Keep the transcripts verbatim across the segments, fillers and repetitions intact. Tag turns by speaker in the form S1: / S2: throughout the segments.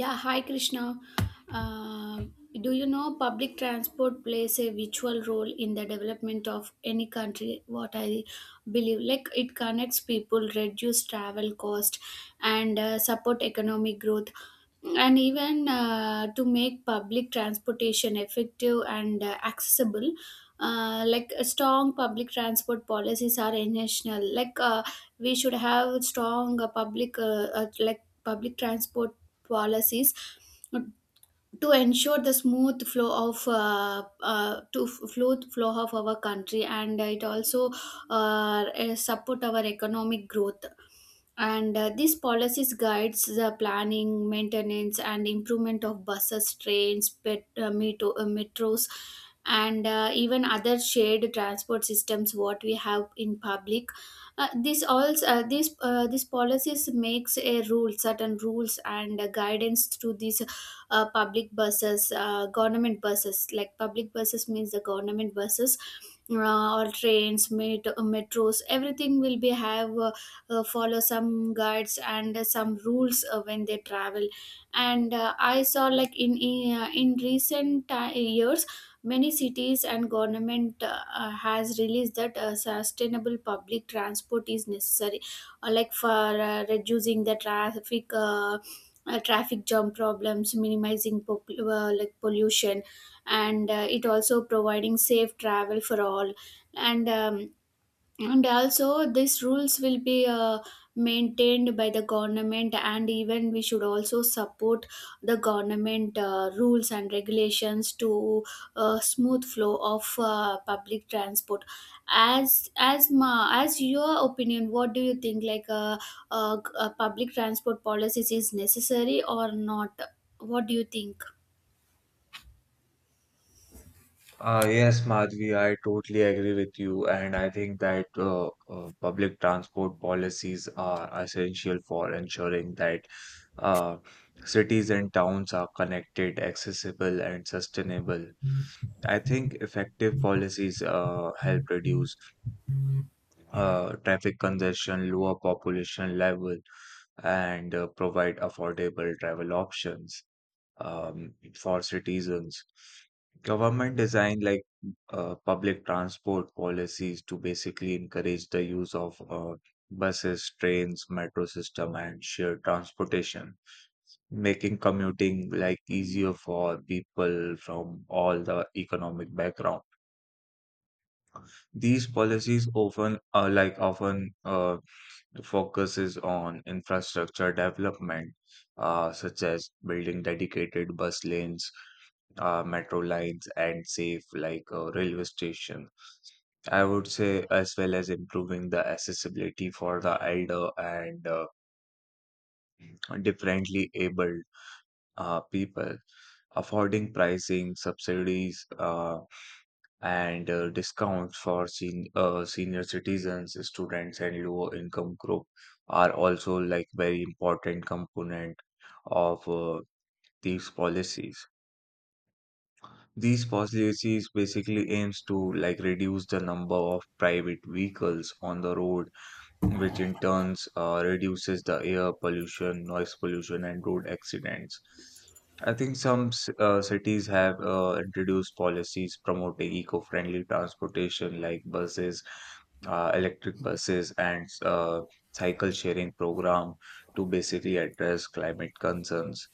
S1: Yeah, hi Krishna. Um do you know public transport plays a virtual role in the development of any country? What I believe, like it connects people, reduce travel cost, and uh, support economic growth, and even uh, to make public transportation effective and uh, accessible. Uh, like a strong public transport policies are intentional. Like uh, we should have strong uh, public uh, uh, like public transport policies to ensure the smooth flow of uh, uh, to f- flow flow of our country, and it also uh, uh, support our economic growth, and uh, these policies guides the planning, maintenance and improvement of buses, trains, pet, uh, metro, uh, metros and uh, even other shared transport systems what we have in public. Uh, this all uh, this uh, This policies makes a rule, certain rules and uh, guidance to these uh, public buses, uh, government buses, like public buses means the government buses, uh, or trains, met- metros, everything will be have uh, uh, follow some guides and uh, some rules uh, when they travel. And uh, I saw, like in in, uh, in recent ti years many cities and government uh, uh, has released that uh, sustainable public transport is necessary, uh, like for uh, reducing the traffic uh, uh, traffic jam problems, minimizing pop- uh, like pollution, and uh, it also providing safe travel for all. And um, and also these rules will be uh, maintained by the government, and even we should also support the government uh, rules and regulations to uh, smooth flow of uh, public transport. As as ma, as your opinion, what do you think, like uh, uh, uh, public transport policies is necessary or not? What do you think?
S2: Uh, yes, Madhvi, I totally agree with you, and I think that uh, uh, public transport policies are essential for ensuring that uh, cities and towns are connected, accessible, and sustainable. I think effective policies uh, help reduce uh, traffic congestion, lower population level, and uh, provide affordable travel options um, for citizens. Government design like uh, public transport policies to basically encourage the use of uh, buses, trains, metro system, and shared transportation, making commuting like easier for people from all the economic background. These policies often uh, like often uh, focuses on infrastructure development, uh, such as building dedicated bus lanes, uh, metro lines, and safe like uh, railway station. I would say as well as improving the accessibility for the elder and uh, differently abled uh, people, affording pricing subsidies, uh, and uh, discounts for sen- uh, senior citizens, students, and lower income group are also like very important component of uh, these policies. These policies basically aims to like reduce the number of private vehicles on the road, which in turns uh, reduces the air pollution, noise pollution, and road accidents. I think some c- uh, cities have uh, introduced policies promoting eco-friendly transportation like buses, uh, electric buses, and uh, cycle sharing program to basically address climate concerns.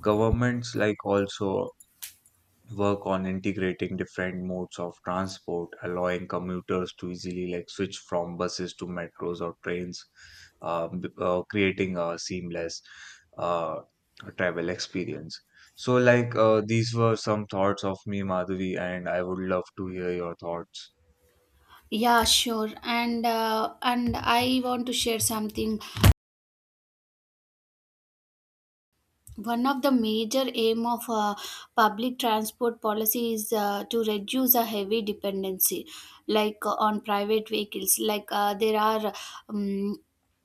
S2: Governments like also work on integrating different modes of transport, allowing commuters to easily like switch from buses to metros or trains, um, b- uh, creating a seamless uh, travel experience. So, like uh, these were some thoughts of me, Madhuri, and I would love to hear your thoughts.
S1: Yeah, sure, and uh, and I want to share something. One of the major aim of uh, public transport policy is uh, to reduce a heavy dependency, like uh, on private vehicles. Like uh, there are, um,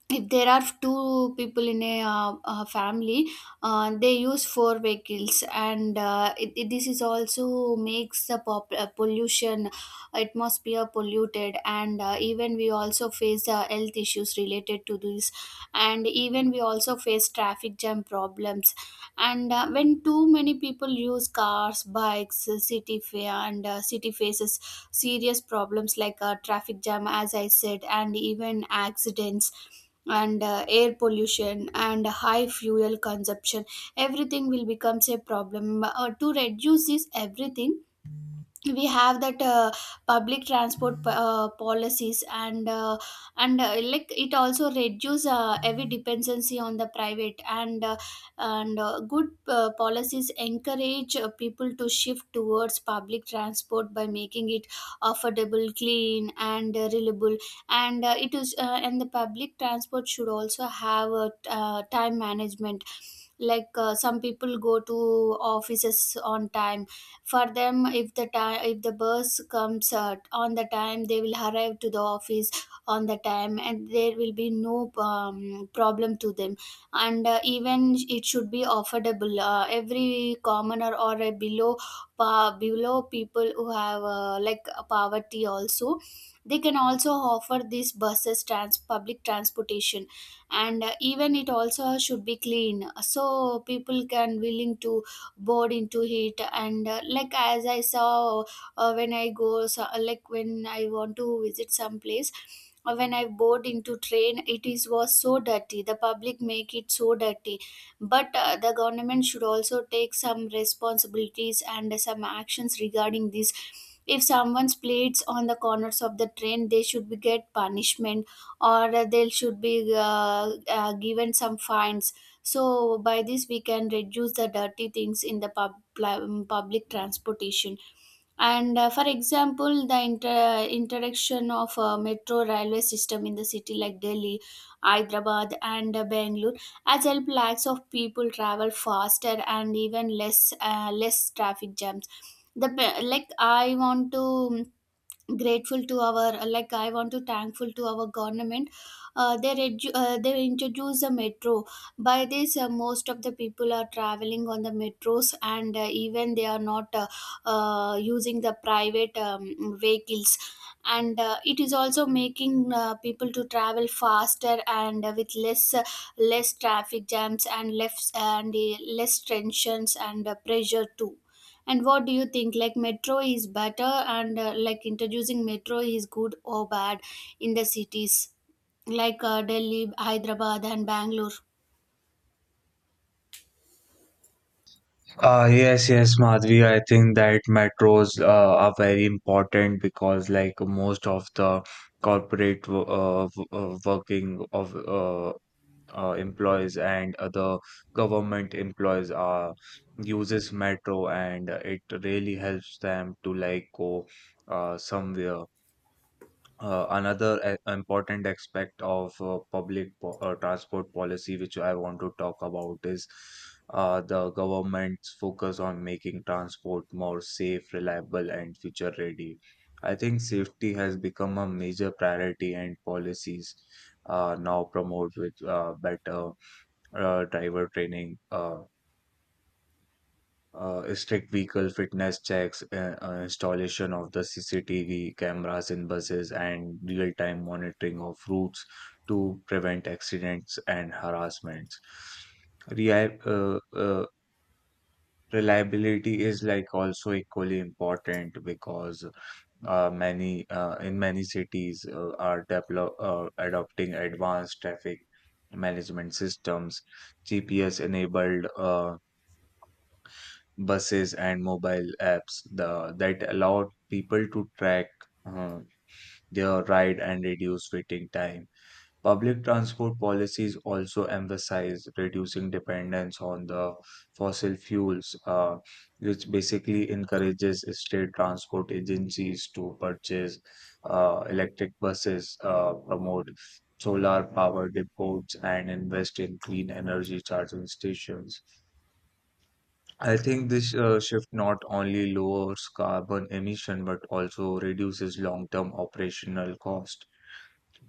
S1: if there are two people in a, uh, uh family, uh, they use four vehicles, and uh, it, it- this is also makes the pop, uh, pollution, atmosphere polluted, and uh, even we also face uh, health issues related to this, and even we also face traffic jam problems. And uh, when too many people use cars, bikes, uh, city fair and uh, city faces serious problems like uh, traffic jam, as I said, and even accidents and uh, air pollution and high fuel consumption. Everything will becomes a problem. Uh, to reduce this everything, we have that uh, public transport uh, policies, and uh, and uh, like it also reduce uh, heavy dependency on the private, and uh, and uh, good uh, policies encourage uh, people to shift towards public transport by making it affordable, clean and uh, reliable. And uh, it is uh, and the public transport should also have a uh, time management. Like uh, some people go to offices on time. For them, if the time, if the bus comes uh, on the time, they will arrive to the office on the time, and there will be no um, problem to them. And uh, even it should be affordable, uh, every commoner or a below, pa- below people who have uh, like uh, poverty also, they can also offer these buses, trans, public transportation. And uh, even it also should be clean so people can willing to bored into it. And uh, like, as I saw, uh, when I go, so, like when I want to visit some place, uh, when I board into train, it is was so dirty, the public make it so dirty. But uh, the government should also take some responsibilities and some actions regarding this. If someone's plates on the corners of the train, they should be get punishment, or they should be uh, uh, given some fines. So by this, we can reduce the dirty things in the pub, pl- public transportation. And uh, for example, the inter- interaction of uh, metro railway system in the city like Delhi, Hyderabad, and uh, Bangalore has helped lakhs of people travel faster and even less uh, less traffic jams. The pe- like I want to, um, grateful to our, like I want to thankful to our government, uh, they redu- uh, they introduce the metro. By this, uh, most of the people are traveling on the metros, and uh, even they are not uh, uh, using the private um, vehicles. And uh, it is also making uh, people to travel faster and uh, with less uh, less traffic jams and less and uh, less tensions and uh, pressure too. And what do you think? Like metro is better, and uh, like introducing metro is good or bad in the cities like uh, Delhi, Hyderabad, and Bangalore.
S2: Uh, yes, yes, Madhvi. I think that metros uh, are very important because, like, most of the corporate wo- uh, w- uh, working of uh, uh, employees and other government employees uh, uses metro, and it really helps them to like go uh, somewhere. Uh, another a- important aspect of uh, public po- uh, transport policy, which I want to talk about, is uh, the government's focus on making transport more safe, reliable, and future ready. I think safety has become a major priority, and policies uh, now promote with uh, better uh, driver training, uh, uh, strict vehicle fitness checks, uh, uh, installation of the C C T V cameras in buses, and real-time monitoring of routes to prevent accidents and harassments. Rea- uh, uh, Reliability is like also equally important because uh, many uh, in many cities uh, are develop uh, adopting advanced traffic management systems, G P S enabled uh, buses and mobile apps the, that allow people to track uh, their ride and reduce waiting time. Public transport policies also emphasize reducing dependence on the fossil fuels, uh, which basically encourages state transport agencies to purchase uh, electric buses, uh, promote solar power depots, and invest in clean energy charging stations. I think this uh, shift not only lowers carbon emission but also reduces long-term operational cost.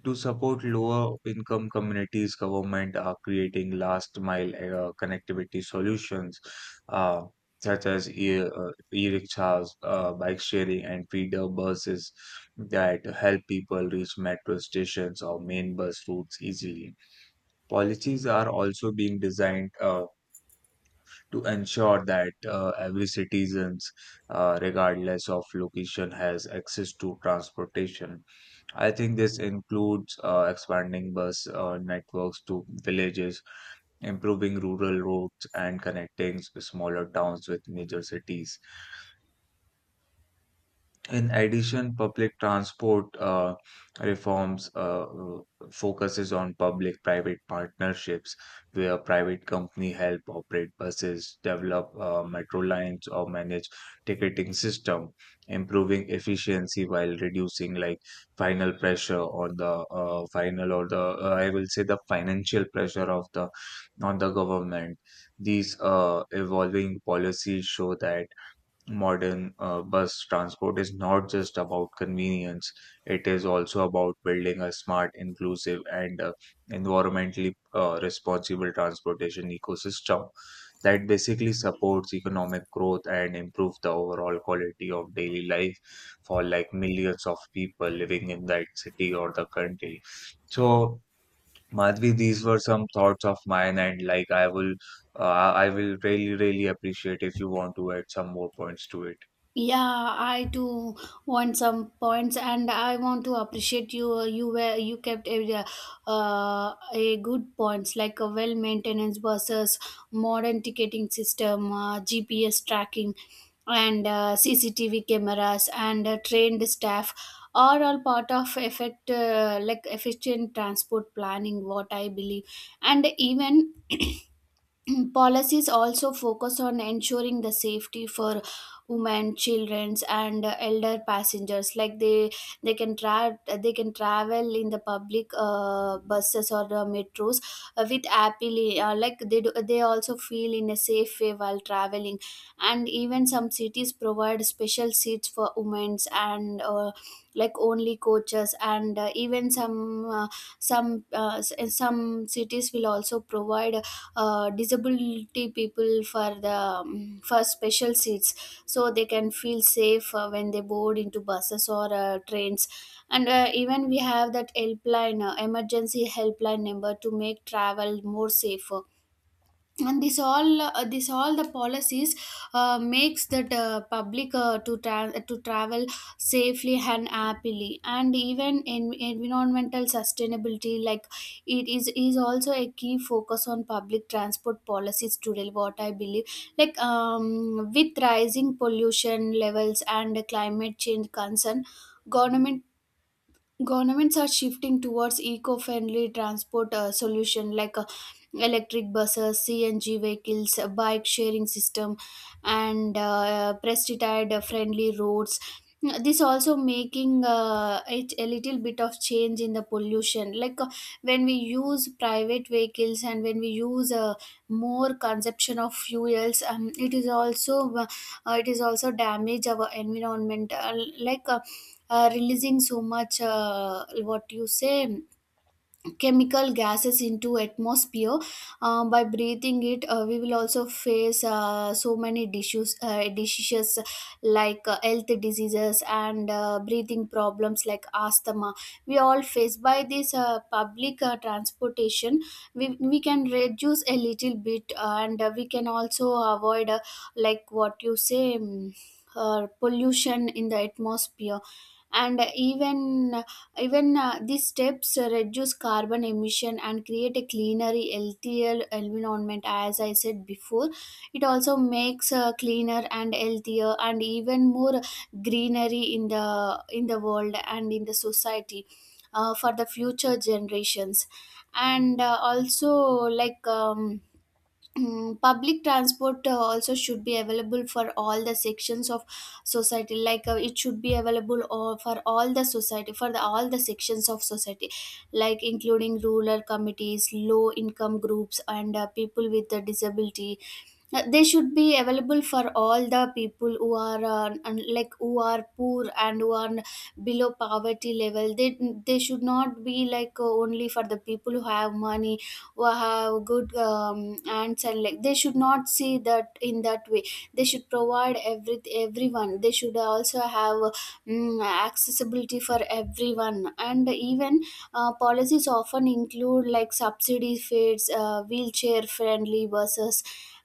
S2: To support lower income communities, government are creating last mile uh, connectivity solutions uh, such as e- uh, e-rickshaws, uh, bike sharing and feeder buses that help people reach metro stations or main bus routes easily. Policies are also being designed uh, to ensure that uh, every citizens uh, regardless of location has access to transportation. I think this includes uh, expanding bus uh, networks to villages, improving rural roads, and connecting s- smaller towns with major cities. In addition, public transport uh, reforms uh, uh, focuses on public-private partnerships, where private company help operate buses, develop uh, metro lines, or manage ticketing system, improving efficiency while reducing like final pressure on the uh, final or the uh, I will say the financial pressure of the on the government. These uh, evolving policies show that modern uh, bus transport is not just about convenience, it is also about building a smart, inclusive, and uh, environmentally uh, responsible transportation ecosystem that basically supports economic growth and improves the overall quality of daily life for like millions of people living in that city or the country. So, Madhvi, these were some thoughts of mine, and like I will, uh, I will really, really appreciate if you want to add some more points to it.
S1: Yeah, I too want some points, and I want to appreciate you. You were you kept a, uh, a good points like a well maintenance buses, modern ticketing system, uh, G P S tracking, and uh, C C T V cameras, and uh, trained staff are all part of effect uh, like efficient transport planning. What I believe, and even policies also focus on ensuring the safety for women, children and uh, elder passengers, like they they can tra- they can travel in the public uh, buses or the metros, uh, with happily, uh, like they do, they also feel in a safe way while traveling. And even some cities provide special seats for women and uh, like only coaches, and uh, even some uh, some uh, s- some cities will also provide uh, disability people for the um, for special seats, so they can feel safe uh, when they board into buses or uh, trains. And uh, even we have that helpline, uh, emergency helpline number to make travel more safer. And this all uh, this all the policies uh, makes that uh, public uh, to tra- to travel safely and happily. And even in environmental sustainability, like it is is also a key focus on public transport policies today, what I believe. Like um, with rising pollution levels and climate change concern, government Governments are shifting towards eco-friendly transport uh, solution like uh, electric buses, C N G vehicles, uh, bike sharing system, and uh, pesticide friendly roads. This also making uh, it a little bit of change in the pollution. Like uh, when we use private vehicles and when we use uh, more consumption of fuels, um, it is also uh, it is also damage our environment. Uh, like uh, uh, Releasing so much, uh, what you say, chemical gases into atmosphere, uh, by breathing it, uh, we will also face uh, so many issues, uh, diseases, like uh, health diseases and uh, breathing problems like asthma, we all face. By this uh, public uh, transportation, we, we can reduce a little bit, uh, and uh, we can also avoid, uh, like what you say, um, uh, pollution in the atmosphere. And even even uh, these steps uh, reduce carbon emission and create a cleaner, healthier environment. As I said before, it also makes uh, cleaner and healthier and even more greenery in the in the world and in the society, uh, for the future generations. And uh, also like. Um, Mm, public transport uh, also should be available for all the sections of society. Like uh, it should be available all, for all the society, for the, all the sections of society, like including rural committees, low income groups and uh, people with a disability. Uh, they should be available for all the people who are, uh, un- like who are poor and who are below poverty level. they they should not be like, uh, only for the people who have money, who have good um, aunts, and like they should not see that in that way. They should provide every everyone. They should also have mm accessibility for everyone. And even uh, policies often include like subsidy fares, uh, wheelchair friendly buses,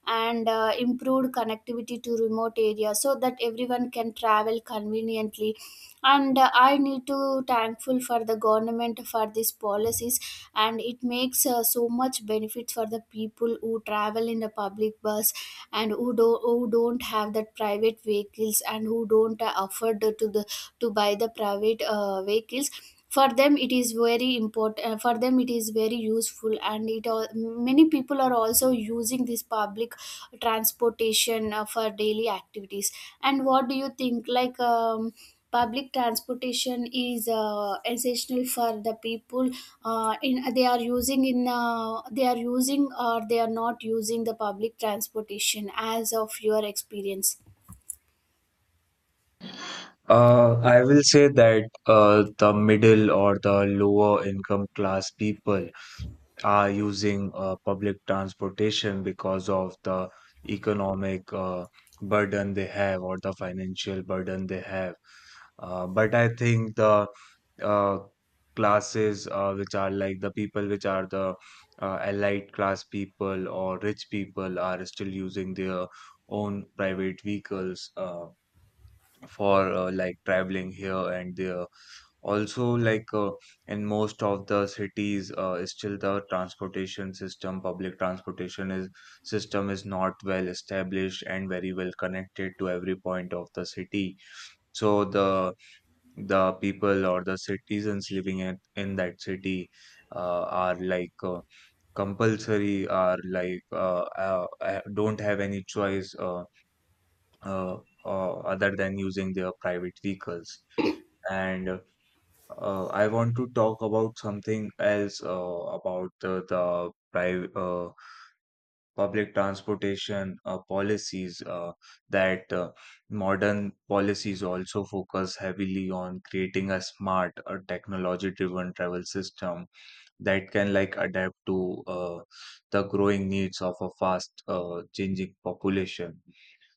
S1: and uh, improved connectivity to remote areas so that everyone can travel conveniently. And uh, I need to thankful for the government for these policies, and it makes uh, so much benefits for the people who travel in the public bus, and who, do, who don't have that private vehicles, and who don't uh, afford to the to buy the private uh, vehicles. For them it is very important. For them it is very useful, and it al- many people are also using this public transportation uh, for daily activities. And what do you think, like um, public transportation is uh, essential for the people, uh, in they are using in uh, they are using or they are not using the public transportation as of your experience?
S2: Uh, I will say that uh, the middle or the lower income class people are using uh, public transportation because of the economic uh, burden they have, or the financial burden they have. Uh, but I think the uh, classes uh, which are like the people which are the uh, allied class people or rich people are still using their own private vehicles. Uh, for uh, like traveling here and there. Also, like uh, in most of the cities, uh, still the transportation system, public transportation is system is not well established and very well connected to every point of the city. So the the people or the citizens living in, in that city uh, are like uh, compulsory, are like uh, uh, uh, don't have any choice. Uh, uh, uh, Other than using their private vehicles. And uh, I want to talk about something else uh, about the, the private uh, public transportation uh, policies uh, that uh, modern policies also focus heavily on creating a smart or technology-driven travel system that can like adapt to uh, the growing needs of a fast uh, changing population.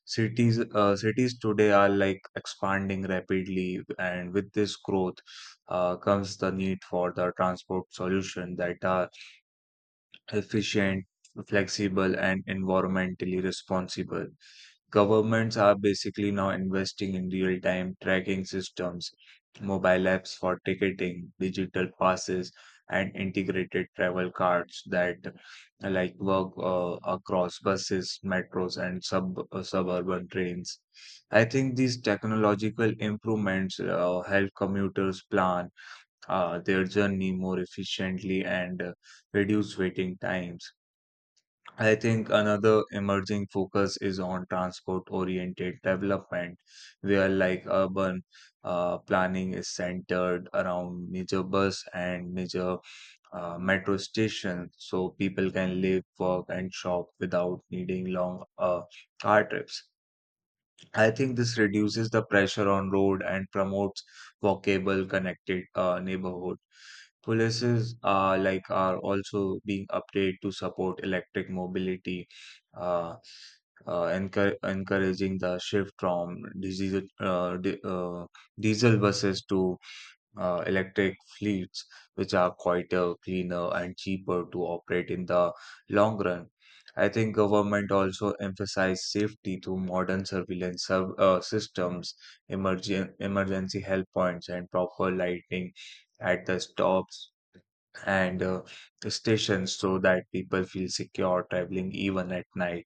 S2: Cities uh, cities today are like expanding rapidly, and with this growth uh, comes the need for the transport solution that are efficient, flexible, and environmentally responsible. Governments are basically now investing in real time tracking systems, mobile apps for ticketing, digital passes, and integrated travel cards that uh, like work uh, across buses, metros, and sub uh, suburban trains. I think these technological improvements uh, help commuters plan uh, their journey more efficiently and uh, reduce waiting times. I think another emerging focus is on transport-oriented development, where like urban uh, planning is centered around major bus and major uh, metro stations, so people can live, work, and shop without needing long uh, car trips. I think this reduces the pressure on road and promotes walkable, connected uh, neighborhood. Policies are like are also being updated to support electric mobility, uh, uh, encour- encouraging the shift from diesel uh, di- uh, diesel buses to uh, electric fleets, which are quieter, cleaner, and cheaper to operate in the long run. I think government also emphasize safety through modern surveillance serv- uh, systems, emergen- emergency help points, and proper lighting at the stops and uh, stations so that people feel secure traveling even at night.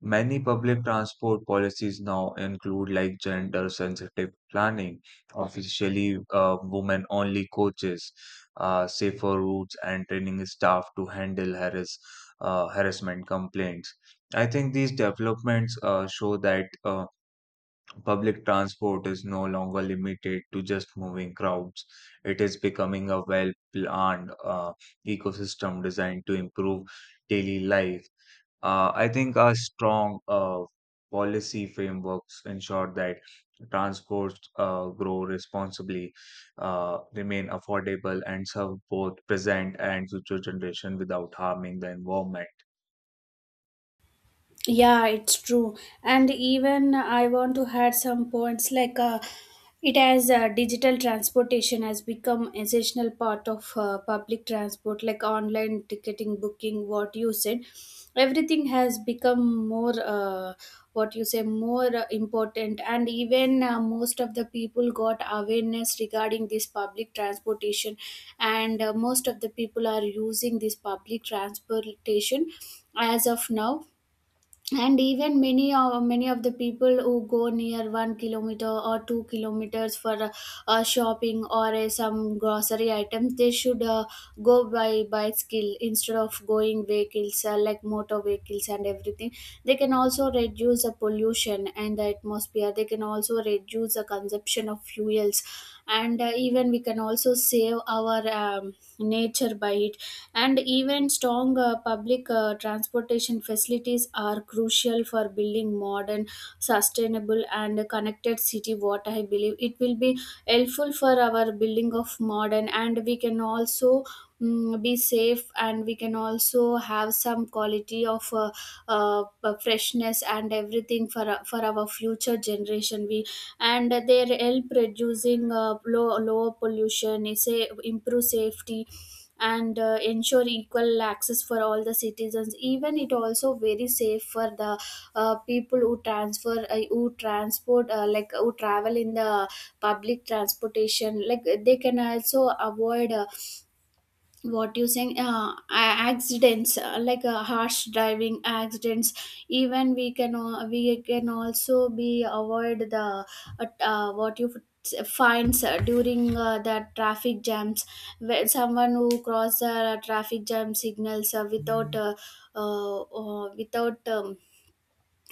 S2: Many public transport policies now include like gender-sensitive planning, officially uh, women-only coaches, uh, safer routes, and training staff to handle harass, uh, harassment complaints. I think these developments uh, show that uh, public transport is no longer limited to just moving crowds. It is becoming a well-planned uh, ecosystem designed to improve daily life. uh, I think a strong uh, policy frameworks ensure that transports uh, grow responsibly, uh, remain affordable, and serve both present and future generation without harming the environment.
S1: Yeah, it's true. And even I want to add some points like uh, it has uh, digital transportation has become essential part of uh, public transport, like online ticketing, booking, what you said. Everything has become more uh, what you say more uh, important. And even uh, most of the people got awareness regarding this public transportation, and uh, most of the people are using this public transportation as of now. And even many uh, many of the people who go near one kilometer or two kilometers for uh, uh, shopping or uh, some grocery items, they should uh, go by bicycle instead of going vehicles, uh, like motor vehicles and everything. They can also reduce the pollution, and the atmosphere, they can also reduce the consumption of fuels. And uh, even we can also save our um, nature by it. And even strong uh, public uh, transportation facilities are crucial for building modern, sustainable and connected city, what I believe. It will be helpful for our building of modern, and we can also mm, be safe, and we can also have some quality of uh, uh, freshness and everything for for our future generation we. And their help reducing uh, low, lower pollution is a improve safety, and uh, ensure equal access for all the citizens. Even it also very safe for the uh, people who transfer uh, who transport, uh, like who travel in the public transportation, like they can also avoid, uh, what you saying uh, a- accidents, uh, like uh, harsh driving accidents. Even we can uh, we can also be avoid the uh, uh, what you f- finds uh, during uh, the traffic jams, where someone who cross the traffic jam signals uh, without uh, uh, uh, without um,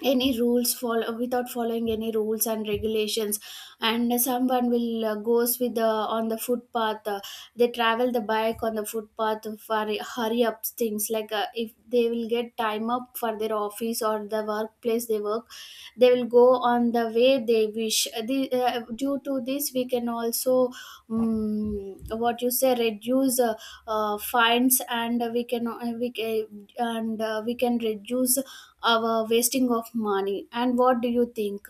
S1: any rules follow, without following any rules and regulations. And someone will uh, goes with the on the footpath, uh, they travel the bike on the footpath for hurry up things, like uh, if they will get time up for their office or the workplace they work, they will go on the way they wish. Uh, the, uh, due to this we can also um, what you say reduce uh, uh, fines, and we can uh, we can and uh, we can reduce our wasting of money. And what do you think?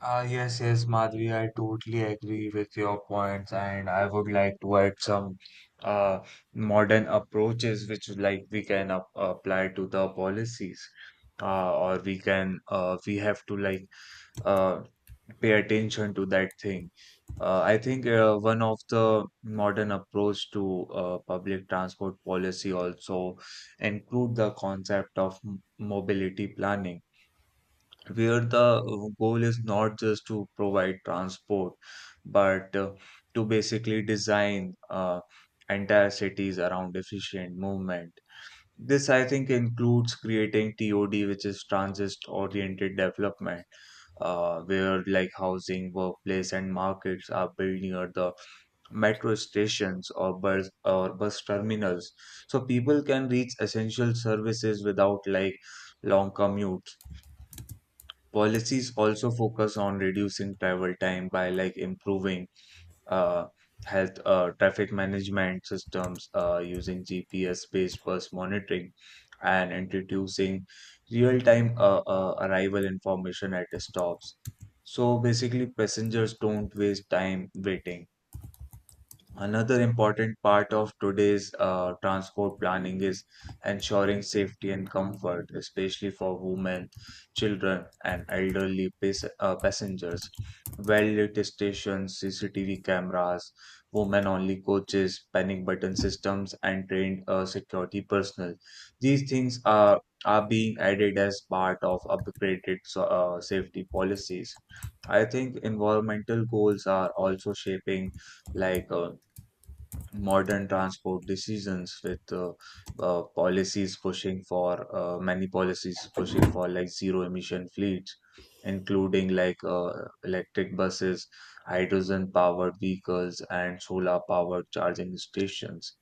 S2: Uh, yes, yes, Madhvi, I totally agree with your points, and I would like to add some uh, modern approaches which like we can ap- apply to the policies, uh, or we can uh, we have to like uh, pay attention to that thing. Uh, I think uh, one of the modern approach to uh, public transport policy also include the concept of m- mobility planning, where the uh, goal is not just to provide transport, but uh, to basically design uh, entire cities around efficient movement. This, I think, includes creating T O D, which is transit-oriented development, uh, where like housing, workplace, and markets are built near the metro stations or bus or bus terminals, so people can reach essential services without like long commutes. Policies also focus on reducing travel time by like improving uh, health uh, traffic management systems uh, using G P S based bus monitoring and introducing real time uh, uh, arrival information at the stops. So basically, passengers don't waste time waiting. Another important part of today's uh, transport planning is ensuring safety and comfort, especially for women, children, and elderly pas- uh, passengers. Well-lit stations, C C T V cameras, women-only coaches, panic button systems, and trained uh, security personnel. These things are are being added as part of upgraded so- uh, safety policies. I think environmental goals are also shaping like uh, modern transport decisions with uh, uh, policies pushing for uh, many policies pushing for like zero emission fleets, including like uh, electric buses, hydrogen powered vehicles, and solar powered charging stations.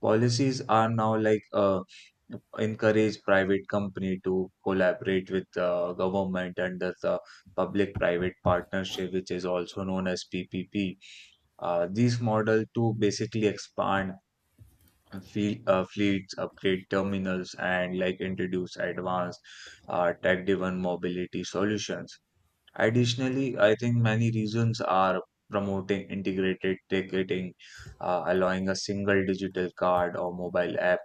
S2: Policies are now like uh, encourage private company to collaborate with the government under the public private partnership, which is also known as PPP, uh, these models to basically expand fleet, uh, fleets, upgrade terminals, and like introduce advanced uh, tech-driven mobility solutions. Additionally, I think many regions are promoting integrated ticketing, uh, allowing a single digital card or mobile app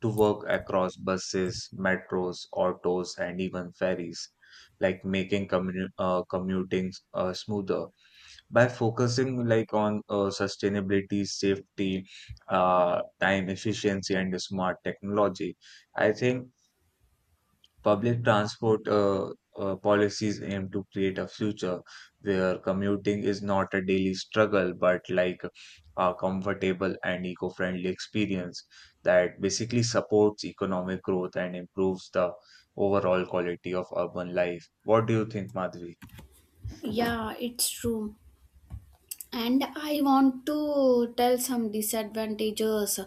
S2: to work across buses, metros, autos, and even ferries, like making commu- uh, commuting uh, smoother. By focusing like on uh, sustainability, safety, uh, time efficiency, and smart technology, I think public transport uh, uh, policies aim to create a future where commuting is not a daily struggle but like a comfortable and eco-friendly experience that basically supports economic growth and improves the overall quality of urban life. What do you think, Madhvi?
S1: Yeah, it's true. And I want to tell some disadvantages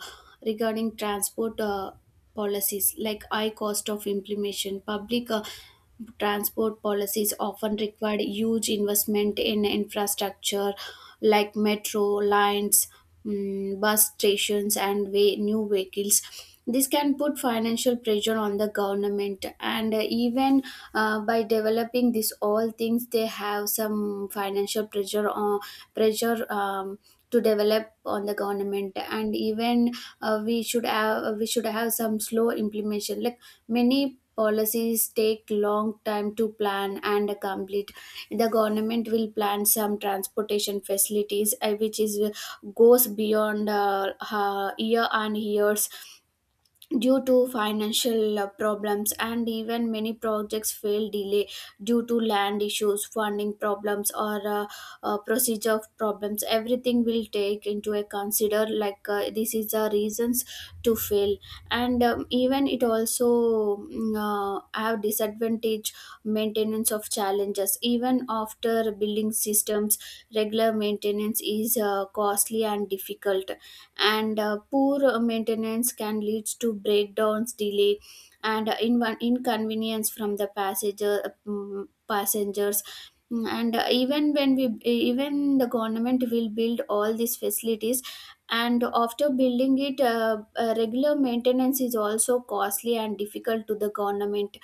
S1: regarding transport uh, policies, like high cost of implementation. Public uh, transport policies often require huge investment in infrastructure like metro lines, mm, bus stations and way, new vehicles. This can put financial pressure on the government. And uh, even uh, by developing these all things, they have some financial pressure on pressure um, to develop on the government. And even uh, we should have we should have some slow implementation. Like many policies take long time to plan and complete. The government will plan some transportation facilities uh, which is uh, goes beyond uh, uh, year and years due to financial uh, problems. And even many projects fail delay due to land issues, funding problems, or uh, uh, procedure problems. Everything will take into a consider, like uh, this is the reasons to fail. And um, even it also mm, uh, have disadvantage maintenance of challenges. Even after building systems, regular maintenance is uh, costly and difficult. And uh, poor maintenance can lead to breakdowns delay, and uh, inv- inconvenience from the passenger, mm, passengers. Mm, and uh, Even when we, even the government will build all these facilities, and after building it, uh, uh, regular maintenance is also costly and difficult to the government.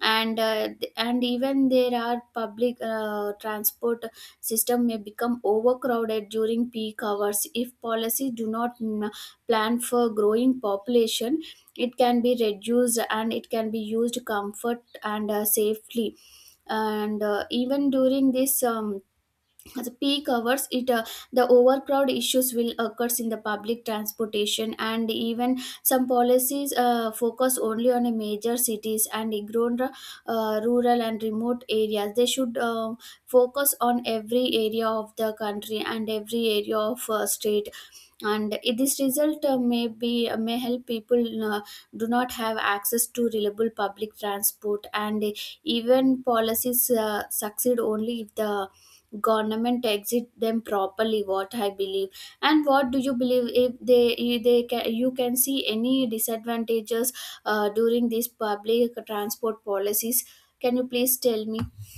S1: And uh, th- and even there are public uh, transport system may become overcrowded during peak hours if policies do not mm, plan for growing population. It can be reduced, and it can be used comfort and uh, safely. And uh, even during this um, at the peak hours, it uh, the overcrowd issues will occurs in the public transportation. And even some policies uh, focus only on a major cities and ignore uh, rural and remote areas. They should uh, focus on every area of the country and every area of uh, state. And i- this result uh, may be uh, may help people uh, do not have access to reliable public transport. And even policies uh, succeed only if the government exit them properly, what I believe. And what do you believe? If they, if they can, you can see any disadvantages uh, during these public transport policies, can you please tell me?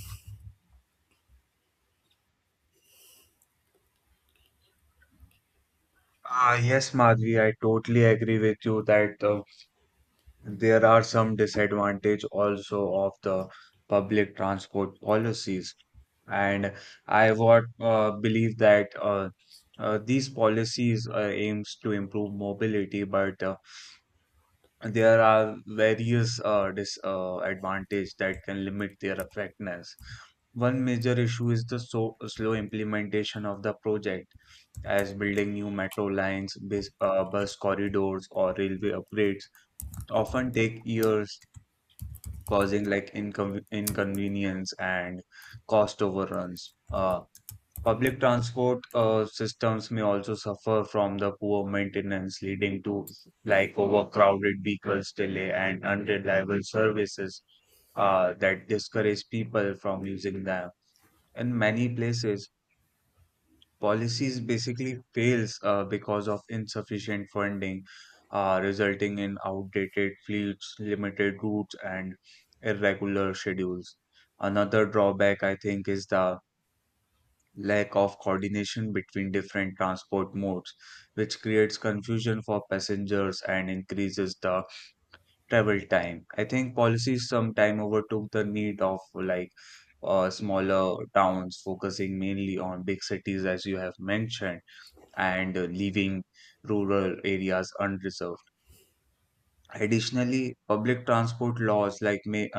S2: Ah, yes, Madhvi, I totally agree with you that the there are some disadvantage also of the public transport policies. And I would uh, believe that uh, uh, these policies uh, aims to improve mobility, but uh, there are various uh, disadvantages that can limit their effectiveness. One major issue is the so slow implementation of the project, as building new metro lines, bus, uh, bus corridors, or railway upgrades often take years, causing like incon inconvenience and cost overruns. Uh, public transport uh, systems may also suffer from the poor maintenance, leading to like overcrowded vehicles, delay, and unreliable services uh, that discourage people from using them. In many places, policies basically fails uh, because of insufficient funding, uh, resulting in outdated fleets, limited routes, and irregular schedules. Another drawback, I think, is the lack of coordination between different transport modes, which creates confusion for passengers and increases the travel time. I think policies sometime overtook the need of like uh, smaller towns, focusing mainly on big cities, as you have mentioned, and uh, leaving rural areas unreserved. Additionally, public transport laws like may